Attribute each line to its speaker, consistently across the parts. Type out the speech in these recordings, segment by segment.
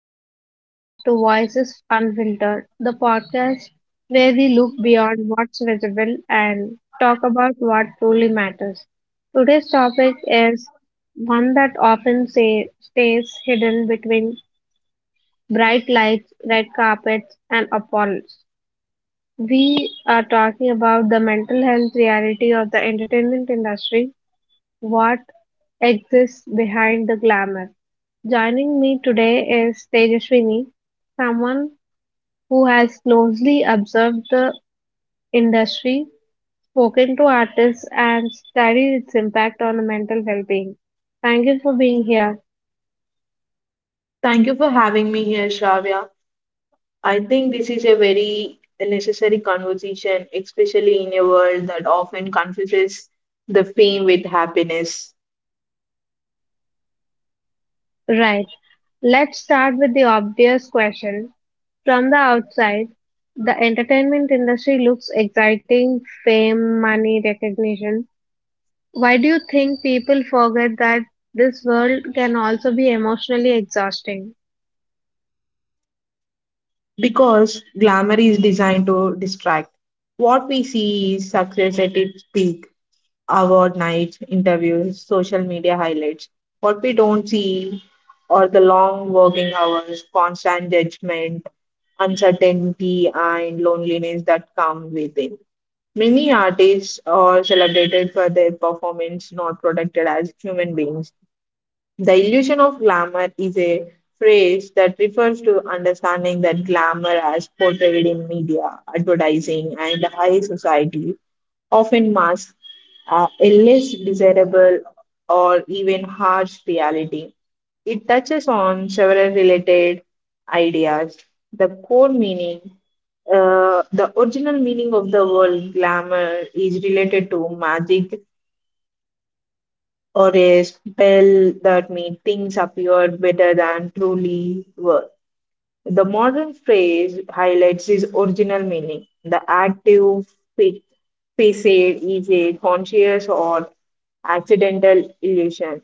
Speaker 1: and welcome back to Voices Unfiltered, the podcast where we look beyond what's visible and talk about what truly matters. Today's topic is one that often say, stays hidden between bright lights, red carpets, and applause. We are talking about the mental health reality of the entertainment industry what exists behind the glamour. Joining me today is Tejaswini, someone who has closely observed the industry, spoken to artists, and studied its impact on mental well being. Thank you for being here.
Speaker 2: Thank you for having me here, Shravya. I think this is a very necessary conversation, especially in a world that often confuses the fame with happiness
Speaker 1: Right, let's start with the obvious question. From the outside, the entertainment industry looks exciting fame, money, recognition. Why do you think people forget that this world can also be emotionally exhausting?
Speaker 2: because glamour is designed to distract. What we see is success at its peak, award nights, interviews, social media highlights. What we don't see are the long working hours, constant judgment, uncertainty, and loneliness that come with it. Many artists are celebrated for their performance, not protected as human beings. The illusion of glamour is a phrase that refers to understanding that glamour as portrayed in media, advertising, and high society often masks a less desirable or even harsh reality. It touches on several related ideas. The core meaning, the original meaning of the word glamour, is related to magic or a spell that made things appear better than truly were. The modern phrase highlights its original meaning. The active fa- facade is a conscious or accidental illusion.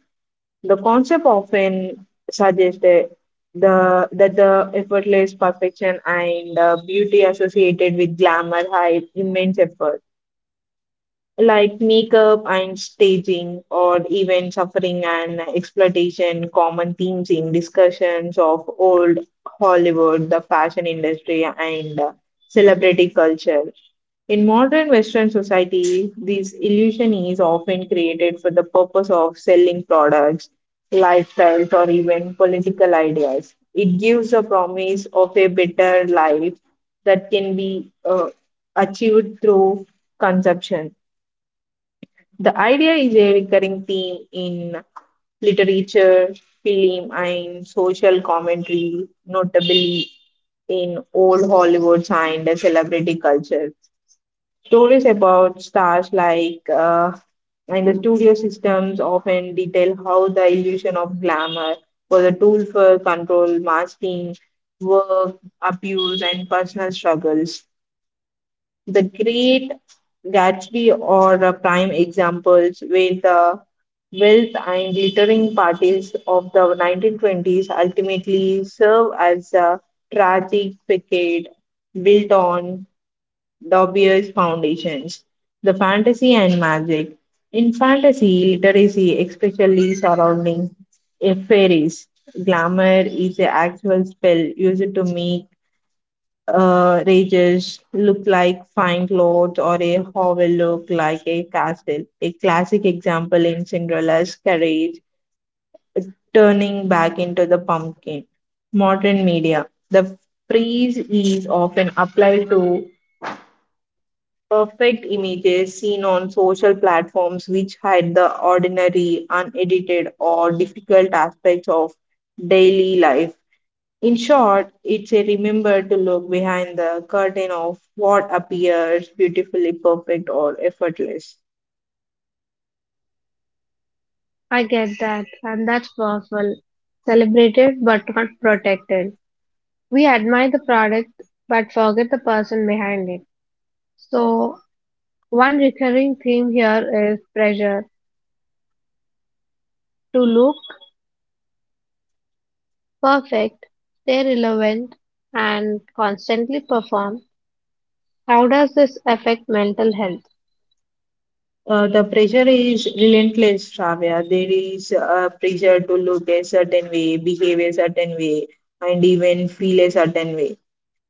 Speaker 2: The concept often suggests that the effortless perfection and beauty associated with glamour hide immense effort, like makeup and staging, or even suffering and exploitation, common themes in discussions of old Hollywood, the fashion industry, and celebrity culture. In modern Western society, this illusion is often created for the purpose of selling products, lifestyles, or even political ideas. It gives a promise of a better life that can be achieved through consumption. The idea is a recurring theme in literature, film, and social commentary, notably in old Hollywood and the celebrity culture. Stories about stars like and the studio systems often detail how the illusion of glamour was a tool for control, masking, work, abuse, and personal struggles. The Great Gatsby are prime examples where the wealth and glittering parties of the 1920s ultimately serve as a tragic facade built on Dobbier's foundations, the fantasy and magic. In fantasy literacy, especially surrounding fairies, glamour is an actual spell used to make rages look like fine clothes or a hovel look like a castle. A classic example in Cinderella's carriage turning back into the pumpkin. Modern media. The phrase is often applied to perfect images seen on social platforms which hide the ordinary, unedited, or difficult aspects of daily life. In short, it's a remember to look behind the curtain of what appears beautifully perfect or effortless.
Speaker 1: I get that, and that's powerful. Celebrated but not protected. We admire the product but forget the person behind it. So, one recurring theme here is pressure to look perfect, stay relevant, and constantly perform. How does this affect mental health?
Speaker 2: The pressure is relentless, Shravya. There is a pressure to look a certain way, behave a certain way, and even feel a certain way.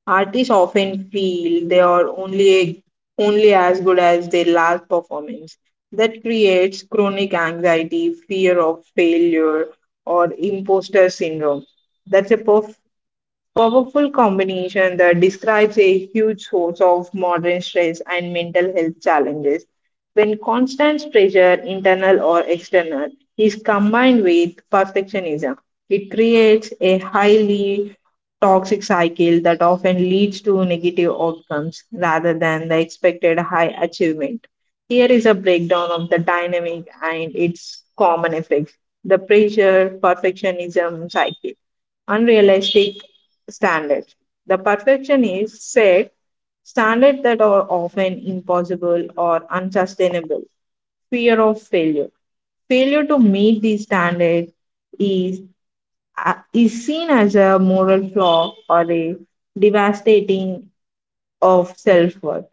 Speaker 2: Artists often feel they are only as good as their last performance. That creates chronic anxiety, fear of failure, or imposter syndrome. That's a powerful combination that describes a huge source of modern stress and mental health challenges. When constant pressure, internal or external, is combined with perfectionism, it creates a highly toxic cycle that often leads to negative outcomes rather than the expected high achievement. Here is a breakdown of the dynamic and its common effects. The pressure perfectionism cycle, unrealistic standard. The perfection is set standards that are often impossible or unsustainable. Fear of failure. Failure to meet these standards is, is seen as a moral flaw or a devastating of self worth.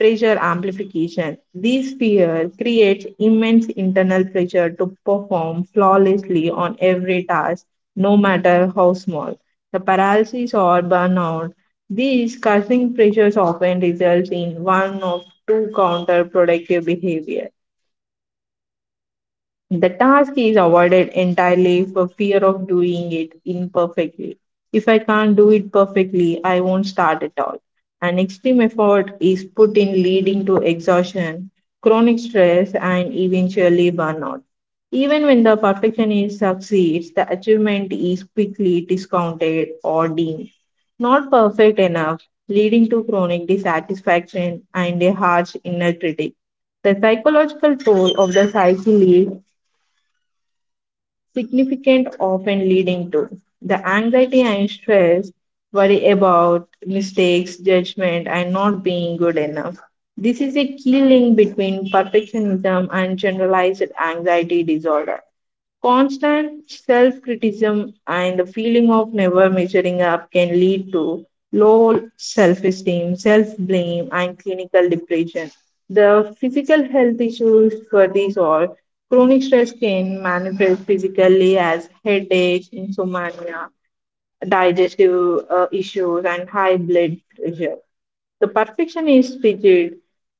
Speaker 2: Pressure amplification. These fears create immense internal pressure to perform flawlessly on every task, no matter how small. The paralysis or burnout. These causing pressures often results in one of two counterproductive behavior. The task is avoided entirely for fear of doing it imperfectly. If I can't do it perfectly, I won't start at all. An extreme effort is put in, leading to exhaustion, chronic stress, and eventually burnout. Even when the perfectionist succeeds, the achievement is quickly discounted or deemed not perfect enough, leading to chronic dissatisfaction and a harsh inner critic. The psychological toll of the cycle is significant, often leading to the anxiety and stress, worry about mistakes, judgment, and not being good enough. This is a key link between perfectionism and generalized anxiety disorder. Constant self criticism and the feeling of never measuring up can lead to low self esteem, self blame, and clinical depression. The physical health issues for these are chronic stress can manifest physically as headaches, insomnia, digestive issues, and high blood pressure. The perfection is rigid.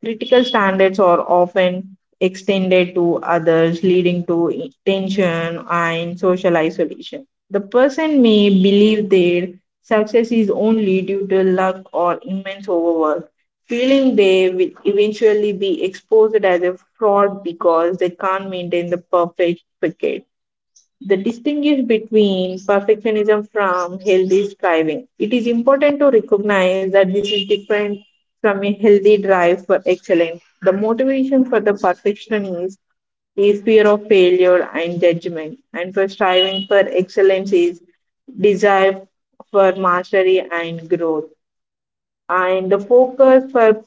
Speaker 2: Critical standards are often extended to others, leading to tension and social isolation. The person may believe their success is only due to luck or immense overwork, feeling they will eventually be exposed as a fraud because they can't maintain the perfect wicket. The distinguish between perfectionism from healthy striving. It is important to recognize that this is different from a healthy drive for excellence. The motivation for the perfectionist is fear of failure and judgment, and for striving for excellence is desire for mastery and growth. And the focus for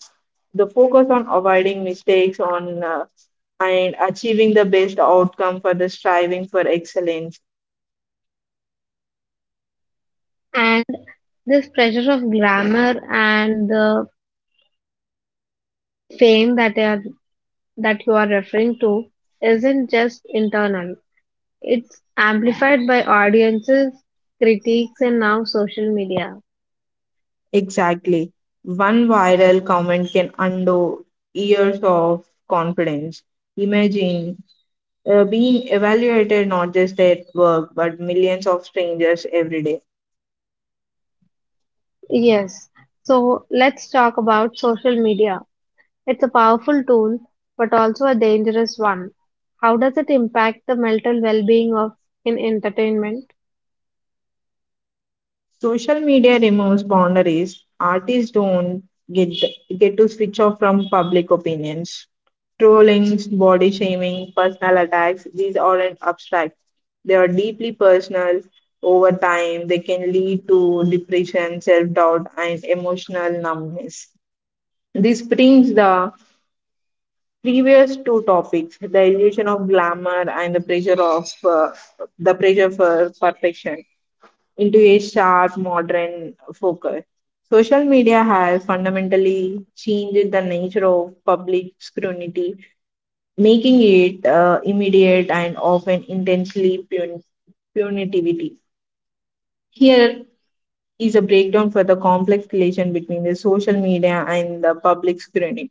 Speaker 2: the focus on avoiding mistakes on and achieving the best outcome for the striving for excellence.
Speaker 1: And this pressure of glamour and the fame that I are, that you are referring to isn't just internal. It's amplified by audiences, critiques, and now social media.
Speaker 2: Exactly. One viral comment can undo years of confidence. Imagine being evaluated not just at work, but millions of strangers every day.
Speaker 1: Yes. So let's talk about social media. It's a powerful tool, but also a dangerous one. How does it impact the mental well-being of in entertainment?
Speaker 2: Social media removes boundaries. Artists don't get get to switch off from public opinions. Trollings, body shaming, personal attacks, these aren't abstract. They are deeply personal. Over time, they can lead to depression, self doubt, and emotional numbness. This brings the previous two topics, the illusion of glamour and the pressure of, the pressure for perfection, into a sharp modern focus. Social media has fundamentally changed the nature of public scrutiny, making it immediate and often intensely punitivity. Here is a breakdown for the complex relation between the social media and the public scrutiny.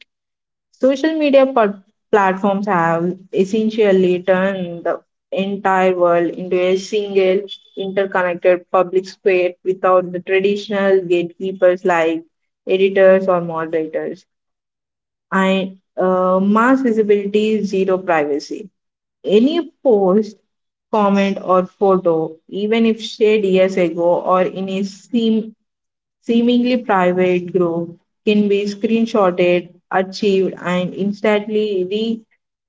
Speaker 2: Social media platforms have essentially turned the entire world into a single interconnected public square without the traditional gatekeepers like editors or moderators. And mass visibility, zero privacy. Any post, comment, or photo, even if shared years ago or in a sim seemingly private group, can be screenshotted, achieved, and instantly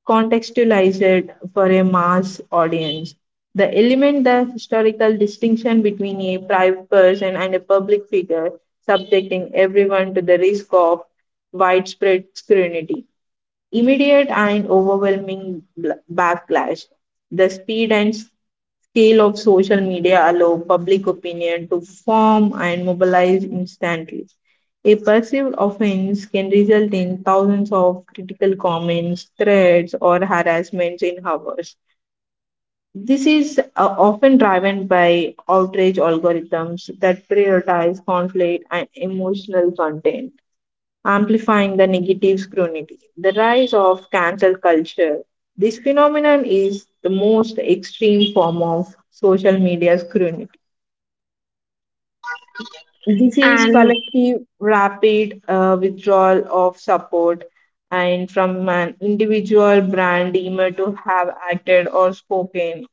Speaker 2: recontextualized for a mass audience. The element the historical distinction between a private person and a public figure, subjecting everyone to the risk of widespread scrutiny, immediate and overwhelming backlash. The speed and scale of social media allow public opinion to form and mobilize instantly. A perceived offense can result in thousands of critical comments, threats, or harassments in hours. This is often driven by outrage algorithms that prioritize conflict and emotional content, amplifying the negative scrutiny. The rise of cancel culture. This phenomenon is the most extreme form of social media scrutiny. This is
Speaker 1: And
Speaker 2: collective, rapid withdrawal of support and from an individual brand deemed to have acted or spoken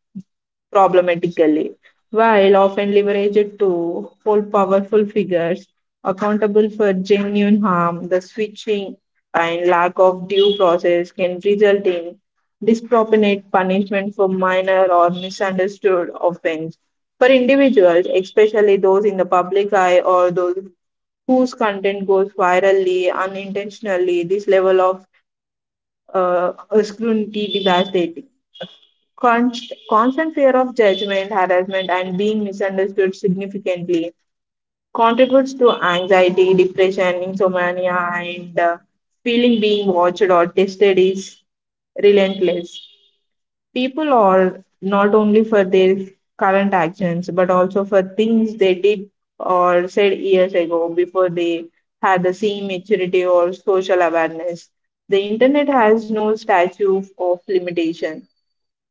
Speaker 2: problematically, while often leveraged to hold powerful figures accountable for genuine harm. The switching and lack of due process can result in disproportionate punishment for minor or misunderstood offense. For individuals, especially those in the public eye or those whose content goes virally unintentionally, this level of uh, scrutiny devastates. Constant fear of judgment, harassment, and being misunderstood significantly contributes to anxiety, depression, insomnia, and feeling being watched or tested is relentless. People are not only for their current actions, but also for things they did or said years ago before they had the same maturity or social awareness. The internet has no statue of limitation.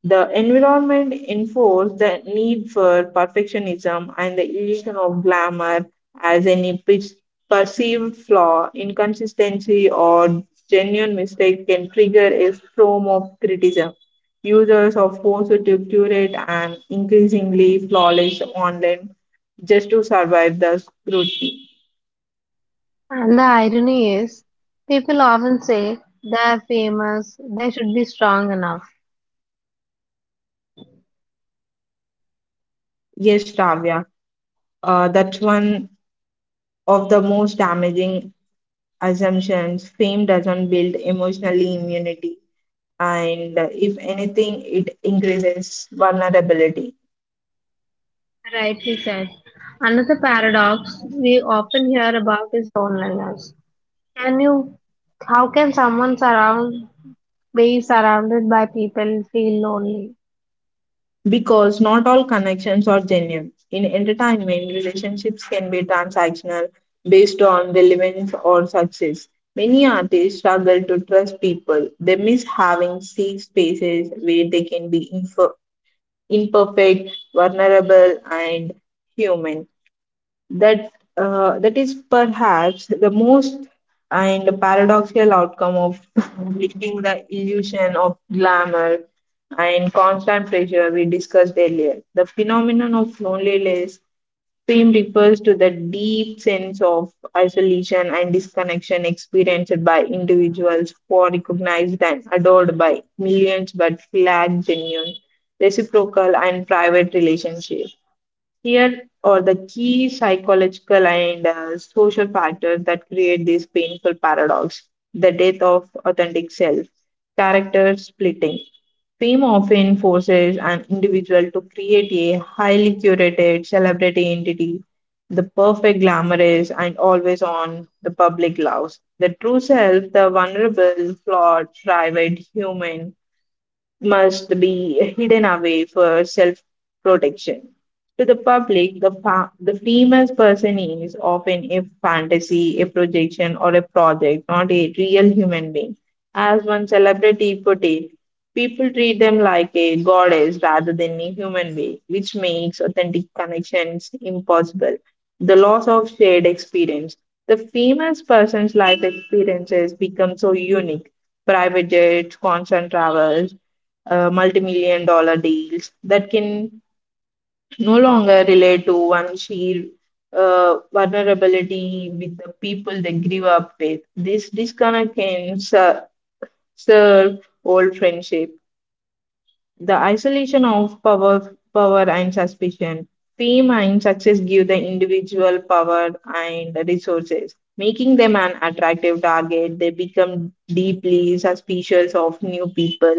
Speaker 2: The environment enforced the need for perfectionism and the illusion of glamour as any perceived flaw, inconsistency, or genuine mistake can trigger a storm of criticism. Users are forced to curate an increasingly flawless online just to survive the scrutiny.
Speaker 1: and the irony is, people often say they're famous, they should be strong enough.
Speaker 2: Yes, Ravya, that's one of the most damaging assumptions. Fame doesn't build emotional immunity, and if anything, it increases vulnerability
Speaker 1: Rightly said. Another paradox we often hear about is loneliness. Can you, how can someone surround, be surrounded by people feel lonely?
Speaker 2: because not all connections are genuine. In entertainment, relationships can be transactional based on relevance or success. Many artists struggle to trust people. They miss having safe spaces where they can be imperfect, vulnerable, and human. that that is perhaps the most and paradoxical outcome of living the illusion of glamour and constant pressure we discussed earlier. The phenomenon of loneliness theme refers to the deep sense of isolation and disconnection experienced by individuals who are recognized and adored by millions but lack genuine, reciprocal, and private relationships. Here are the key psychological and social factors that create this painful paradox, the death of authentic self, character splitting. Fame often forces an individual to create a highly curated celebrity entity, the perfect glamorous and always on the public loves. The true self, the vulnerable, flawed, private human, must be hidden away for self protection. To the public, the famous person is often a fantasy, a projection, or a project, not a real human being. As one celebrity put it, people treat them like a goddess rather than a human being, which makes authentic connections impossible. The loss of shared experience. The famous person's life experiences become so unique private jets, constant travel, multi-million dollar deals that can no longer relate to one sheer vulnerability with the people they grew up with. This disconnect can serve old friendship the isolation of power, power and suspicion. Fame and success give the individual power and resources, making them an attractive target. They become deeply suspicious of new people,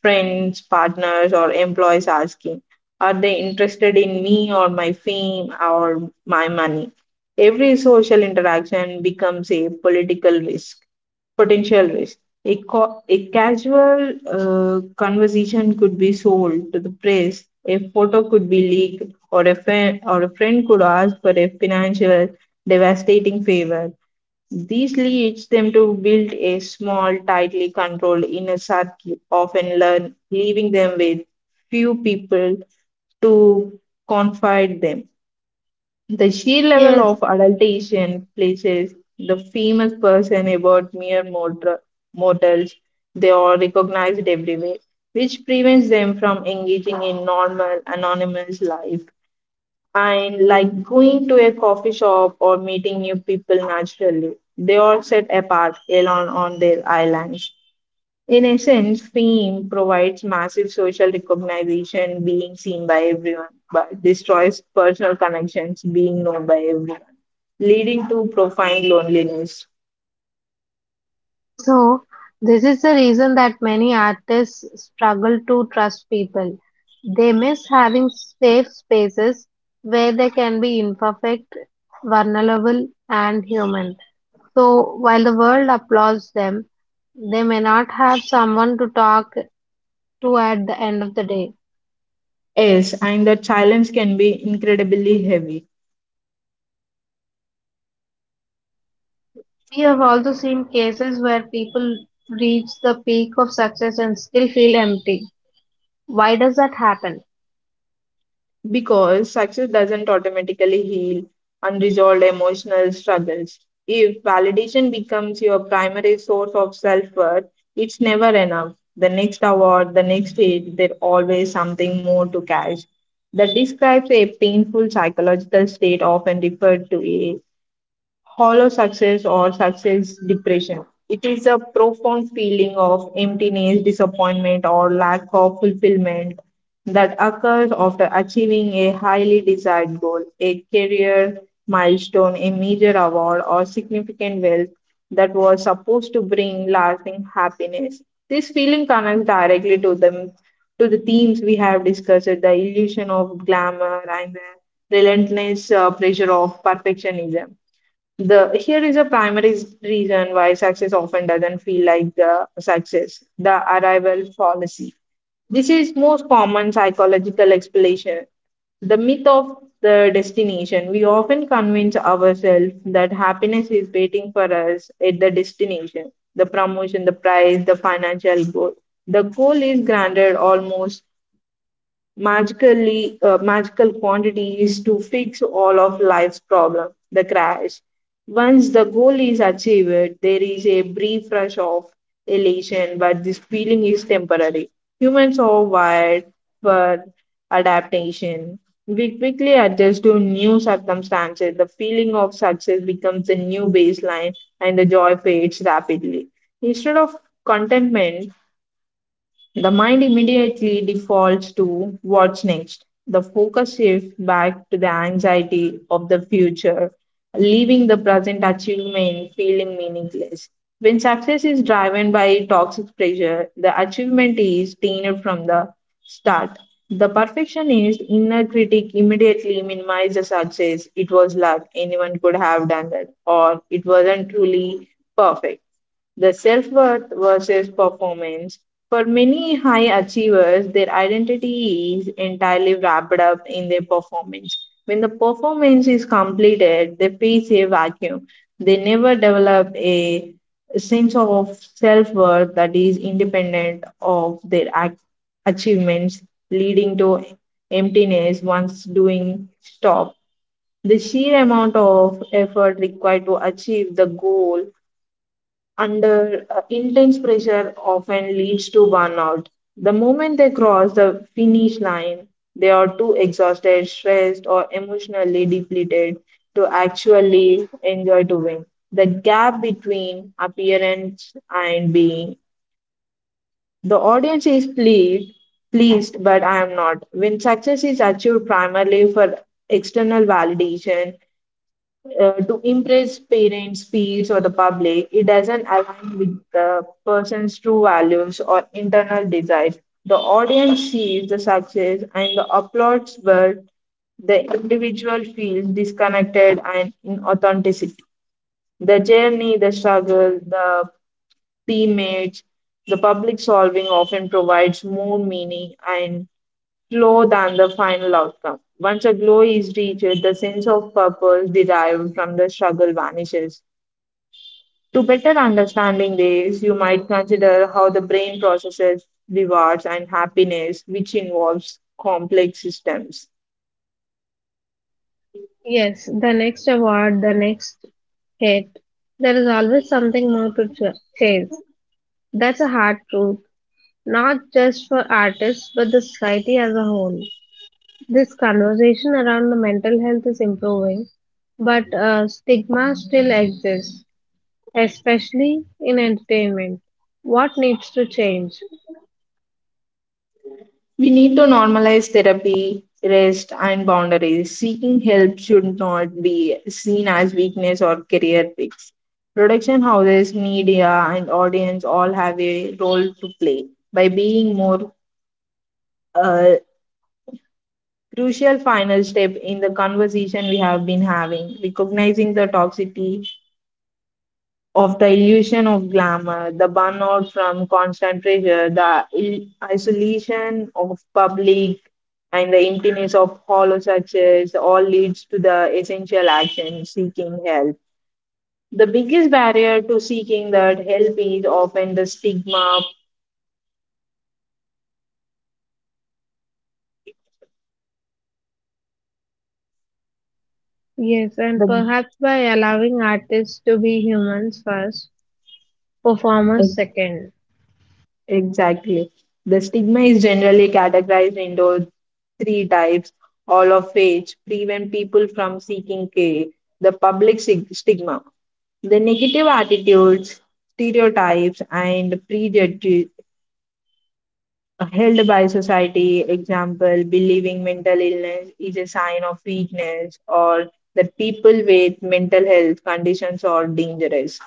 Speaker 2: friends, partners, or employees asking, are they interested in me or my fame or my money? Every social interaction becomes a political risk, potential risk. A casual conversation could be sold to the press, a photo could be leaked, or a friend could ask for a financial devastating favor. This leads them to build a small, tightly controlled inner circle, often leaving them with few people to confide them. The sheer level
Speaker 1: Yes.
Speaker 2: of adulation places the famous person about mere mortal, mortals. They are recognized everywhere, which prevents them from engaging in normal, anonymous life and like going to a coffee shop or meeting new people naturally. They are set apart alone on their islands. In essence, fame provides massive social recognition, being seen by everyone, but destroys personal connections, being known by everyone, leading to profound loneliness.
Speaker 1: So, this is the reason that many artists struggle to trust people. They miss having safe spaces where they can be imperfect, vulnerable, and human. So, while the world applauds them, they may not have someone to talk to at the end of the day.
Speaker 2: Yes, and that silence can be incredibly heavy.
Speaker 1: We have also seen cases where people reach the peak of success and still feel empty. Why does that happen?
Speaker 2: Because success doesn't automatically heal unresolved emotional struggles. If validation becomes your primary source of self worth, it's never enough. The next award, the next stage, there's always something more to catch. That describes a painful psychological state often referred to hollow success or success depression. It is a profound feeling of emptiness, disappointment, or lack of fulfillment that occurs after achieving a highly desired goal, a career milestone, a major award, or significant wealth that was supposed to bring lasting happiness. This feeling connects directly to them to the themes we have discussed, the illusion of glamour and the relentless pressure of perfectionism. The here is a primary reason why success often doesn't feel like the success, the arrival fallacy. This is most common psychological explanation. The myth of the destination. We often convince ourselves that happiness is waiting for us at the destination, the promotion, the prize, the financial goal. The goal is granted almost magically magical quantities to fix all of life's problem the crash once the goal is achieved there is a brief rush of elation, but this feeling is temporary. Humans are wired for adaptation. We quickly adjust to new circumstances. The feeling of success becomes a new baseline and the joy fades rapidly instead of contentment. The mind immediately defaults to what's next. The focus shifts back to the anxiety of the future, leaving the present achievement feeling meaningless. When success is driven by toxic pressure, the achievement is tainted from the start. The perfectionist inner critic immediately minimizes the success. It was luck, anyone could have done that, or it wasn't truly perfect the self worth versus performance. For many high achievers, their identity is entirely wrapped up in their performance. When the performance is completed, they face a vacuum. They never develop a sense of self worth that is independent of their achievements, leading to emptiness once doing stop. The sheer amount of effort required to achieve the goal under intense pressure often leads to burnout. The moment they cross the finish line, they are too exhausted, stressed, or emotionally depleted to actually enjoy doing. The gap between appearance and being. The audience is pleased, but I am not. When success is achieved primarily for external validation, to impress parents, peers, or the public, it doesn't align with the person's true values or internal desires. The audience sees the success and the applauds, but the individual feels disconnected and inauthenticity. The journey, the struggle, the teammates, the public solving often provides more meaning and slow than the final outcome. Once a glow is reached, the sense of purpose derived from the struggle vanishes. To better understanding this, you might consider how the brain processes rewards and happiness, which involves complex systems.
Speaker 1: Yes, the next award, the next hit. There is always something more to chase. That's a hard truth, not just for artists, but the society as a whole. This conversation around the mental health is improving, but stigma still exists, especially in entertainment. What needs to change?
Speaker 2: We need to normalize therapy, rest, and boundaries. Seeking help should not be seen as weakness or career picks. Production houses, media, and audience all have a role to play. By being more a crucial final step in the conversation we have been having, recognizing the toxicity of the illusion of glamour, the burnout from constant pressure, the isolation of public, and the emptiness of hollow success all leads to the essential action seeking help. The biggest barrier to seeking that help is often the stigma,
Speaker 1: Yes, and
Speaker 2: the
Speaker 1: perhaps by allowing artists to be humans first, performers second.
Speaker 2: exactly. The stigma is generally categorized into three types, all of which prevent people from seeking care. The public stigma, the negative attitudes, stereotypes, and prejudices held by society, example, believing mental illness is a sign of weakness, or that people with mental health conditions are dangerous.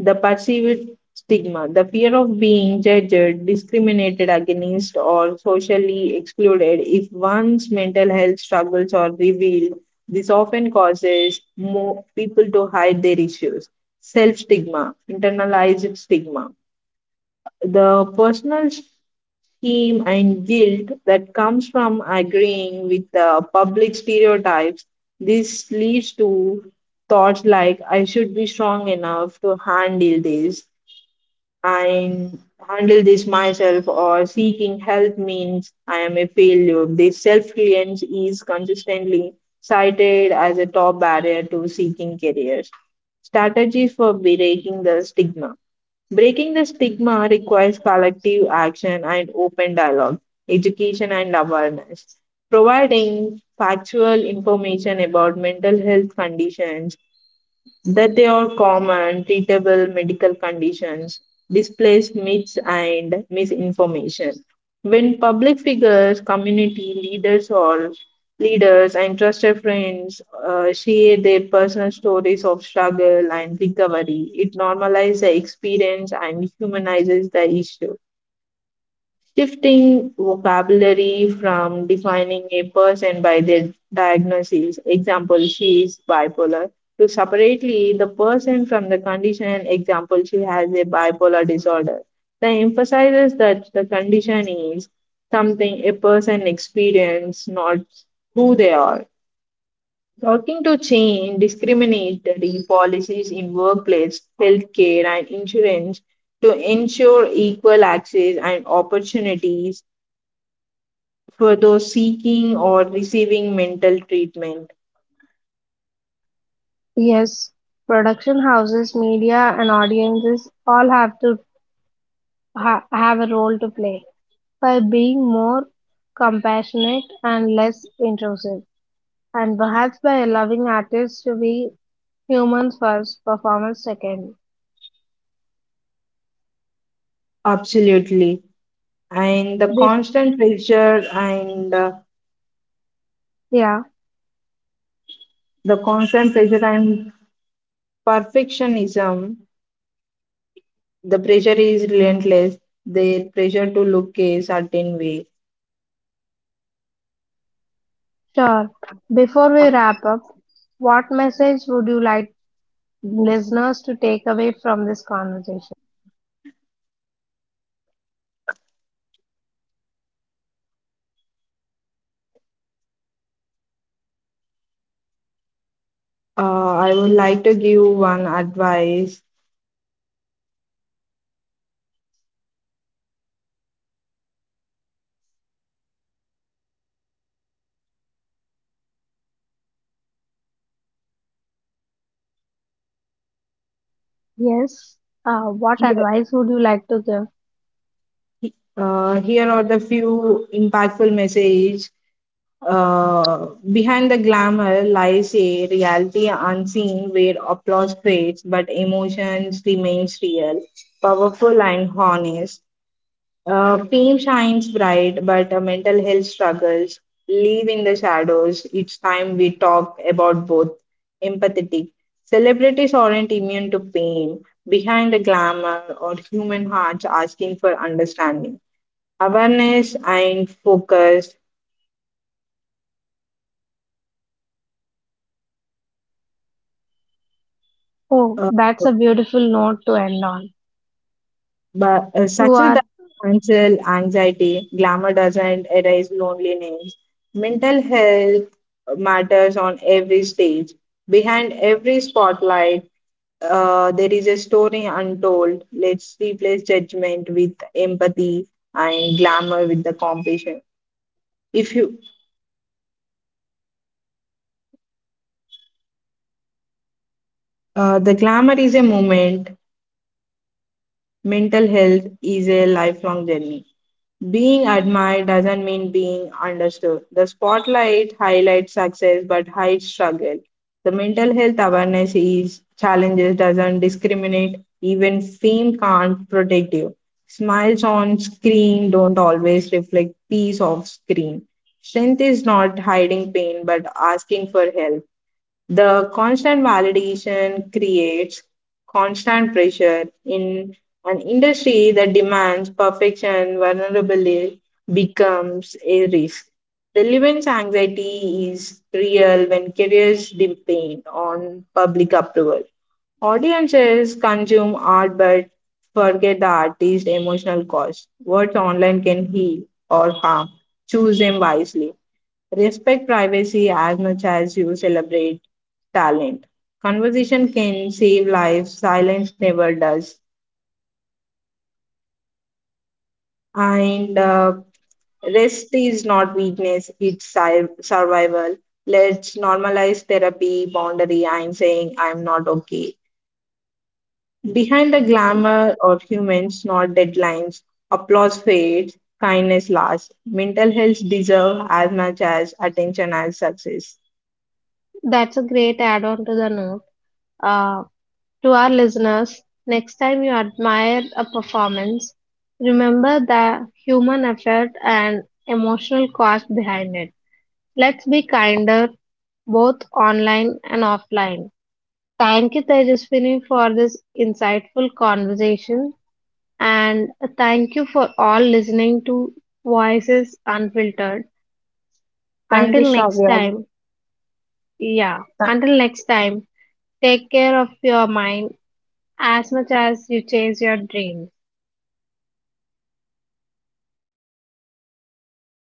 Speaker 2: The perceived stigma, the fear of being judged, discriminated against, or socially excluded if one's mental health struggles are revealed. This often causes more people to hide their issues. Self stigma, internalized stigma, the personal shame and guilt that comes from agreeing with the public stereotypes. This leads to thoughts like, I should be strong enough to handle this. I handle this myself or seeking help means I am a failure. This self reliance is consistently cited as a top barrier to seeking careers. Strategies for breaking the stigma. Breaking the stigma requires collective action and open dialogue, education and awareness. Providing factual information about mental health conditions that they are common, treatable medical conditions, displaced myths and misinformation. When public figures, community leaders, or leaders and trusted friends share their personal stories of struggle and recovery, it normalizes the experience and humanizes the issue shifting vocabulary from defining a person by their diagnosis, example, she is bipolar, to separately the person from the condition, example, she has a bipolar disorder. The emphasizes that the condition is something a person experiences, not who they are. Working to change discriminatory policies in workplace, healthcare, and insurance to ensure equal access and opportunities for those seeking or receiving mental treatment.
Speaker 1: Yes, production houses, media, and audiences all have to have a role to play by being more compassionate and less intrusive, and perhaps by allowing artists to be humans first, performance second.
Speaker 2: Absolutely. And the
Speaker 1: This,
Speaker 2: constant pressure and
Speaker 1: yeah,
Speaker 2: the constant pressure and perfectionism, the pressure is relentless, the pressure to look a certain way.
Speaker 1: sure. Before we wrap up, what message would you like listeners to take away from this conversation?
Speaker 2: I would like to give one advice.
Speaker 1: Yes, what
Speaker 2: Here,
Speaker 1: advice would you like to give?
Speaker 2: here are the few impactful message. Behind the glamour lies a reality unseen where applause fades but emotions remains real, powerful and honest. Fame shines bright but mental health struggles live in the shadows. Each time we talk about both empathetic. Celebrities aren't immune to pain. Behind the glamour or human hearts asking for understanding. Awareness and focus.
Speaker 1: Oh,
Speaker 2: Uh,
Speaker 1: that's a beautiful note to end on.
Speaker 2: But
Speaker 1: To
Speaker 2: success doesn't
Speaker 1: our,
Speaker 2: cancel anxiety, glamour doesn't erase loneliness. Mental health matters on every stage. Behind every spotlight, there is a story untold. Let's replace judgment with empathy and glamour with the compassion. If you, the glamour is a moment, mental health is a lifelong journey. Being admired doesn't mean being understood. The spotlight highlights success but hides struggle. The mental health awareness is challenges doesn't discriminate. Even fame can't protect you. Smiles on screen don't always reflect peace off screen. Strength is not hiding pain but asking for help. The constant validation creates constant pressure in an industry that demands perfection, vulnerability becomes a risk. Relevance anxiety is real when careers depend on public approval. Audiences consume art but forget the artist's emotional cost. Words online can heal or harm. Choose them wisely. Respect privacy as much as you celebrate talent. Conversation can save lives, silence never does. And Rest is not weakness, it's survival. Let's normalize therapy, boundary. I'm saying I'm not okay. Behind the glamour of humans, not deadlines, applause fades, kindness lasts. Mental health deserves as much as attention as success.
Speaker 1: that's a great add-on to the note. Uh, to our listeners, next time you admire a performance, remember the human effort and emotional cost behind it. Let's be kinder, both online and offline. Thank you, Tejaswini, for this insightful conversation, and thank you for all listening to Voices Unfiltered.
Speaker 2: Thank you,
Speaker 1: Until next
Speaker 2: Shravya.
Speaker 1: time. Yeah. Until next time, take care of your mind as much as you chase your dream.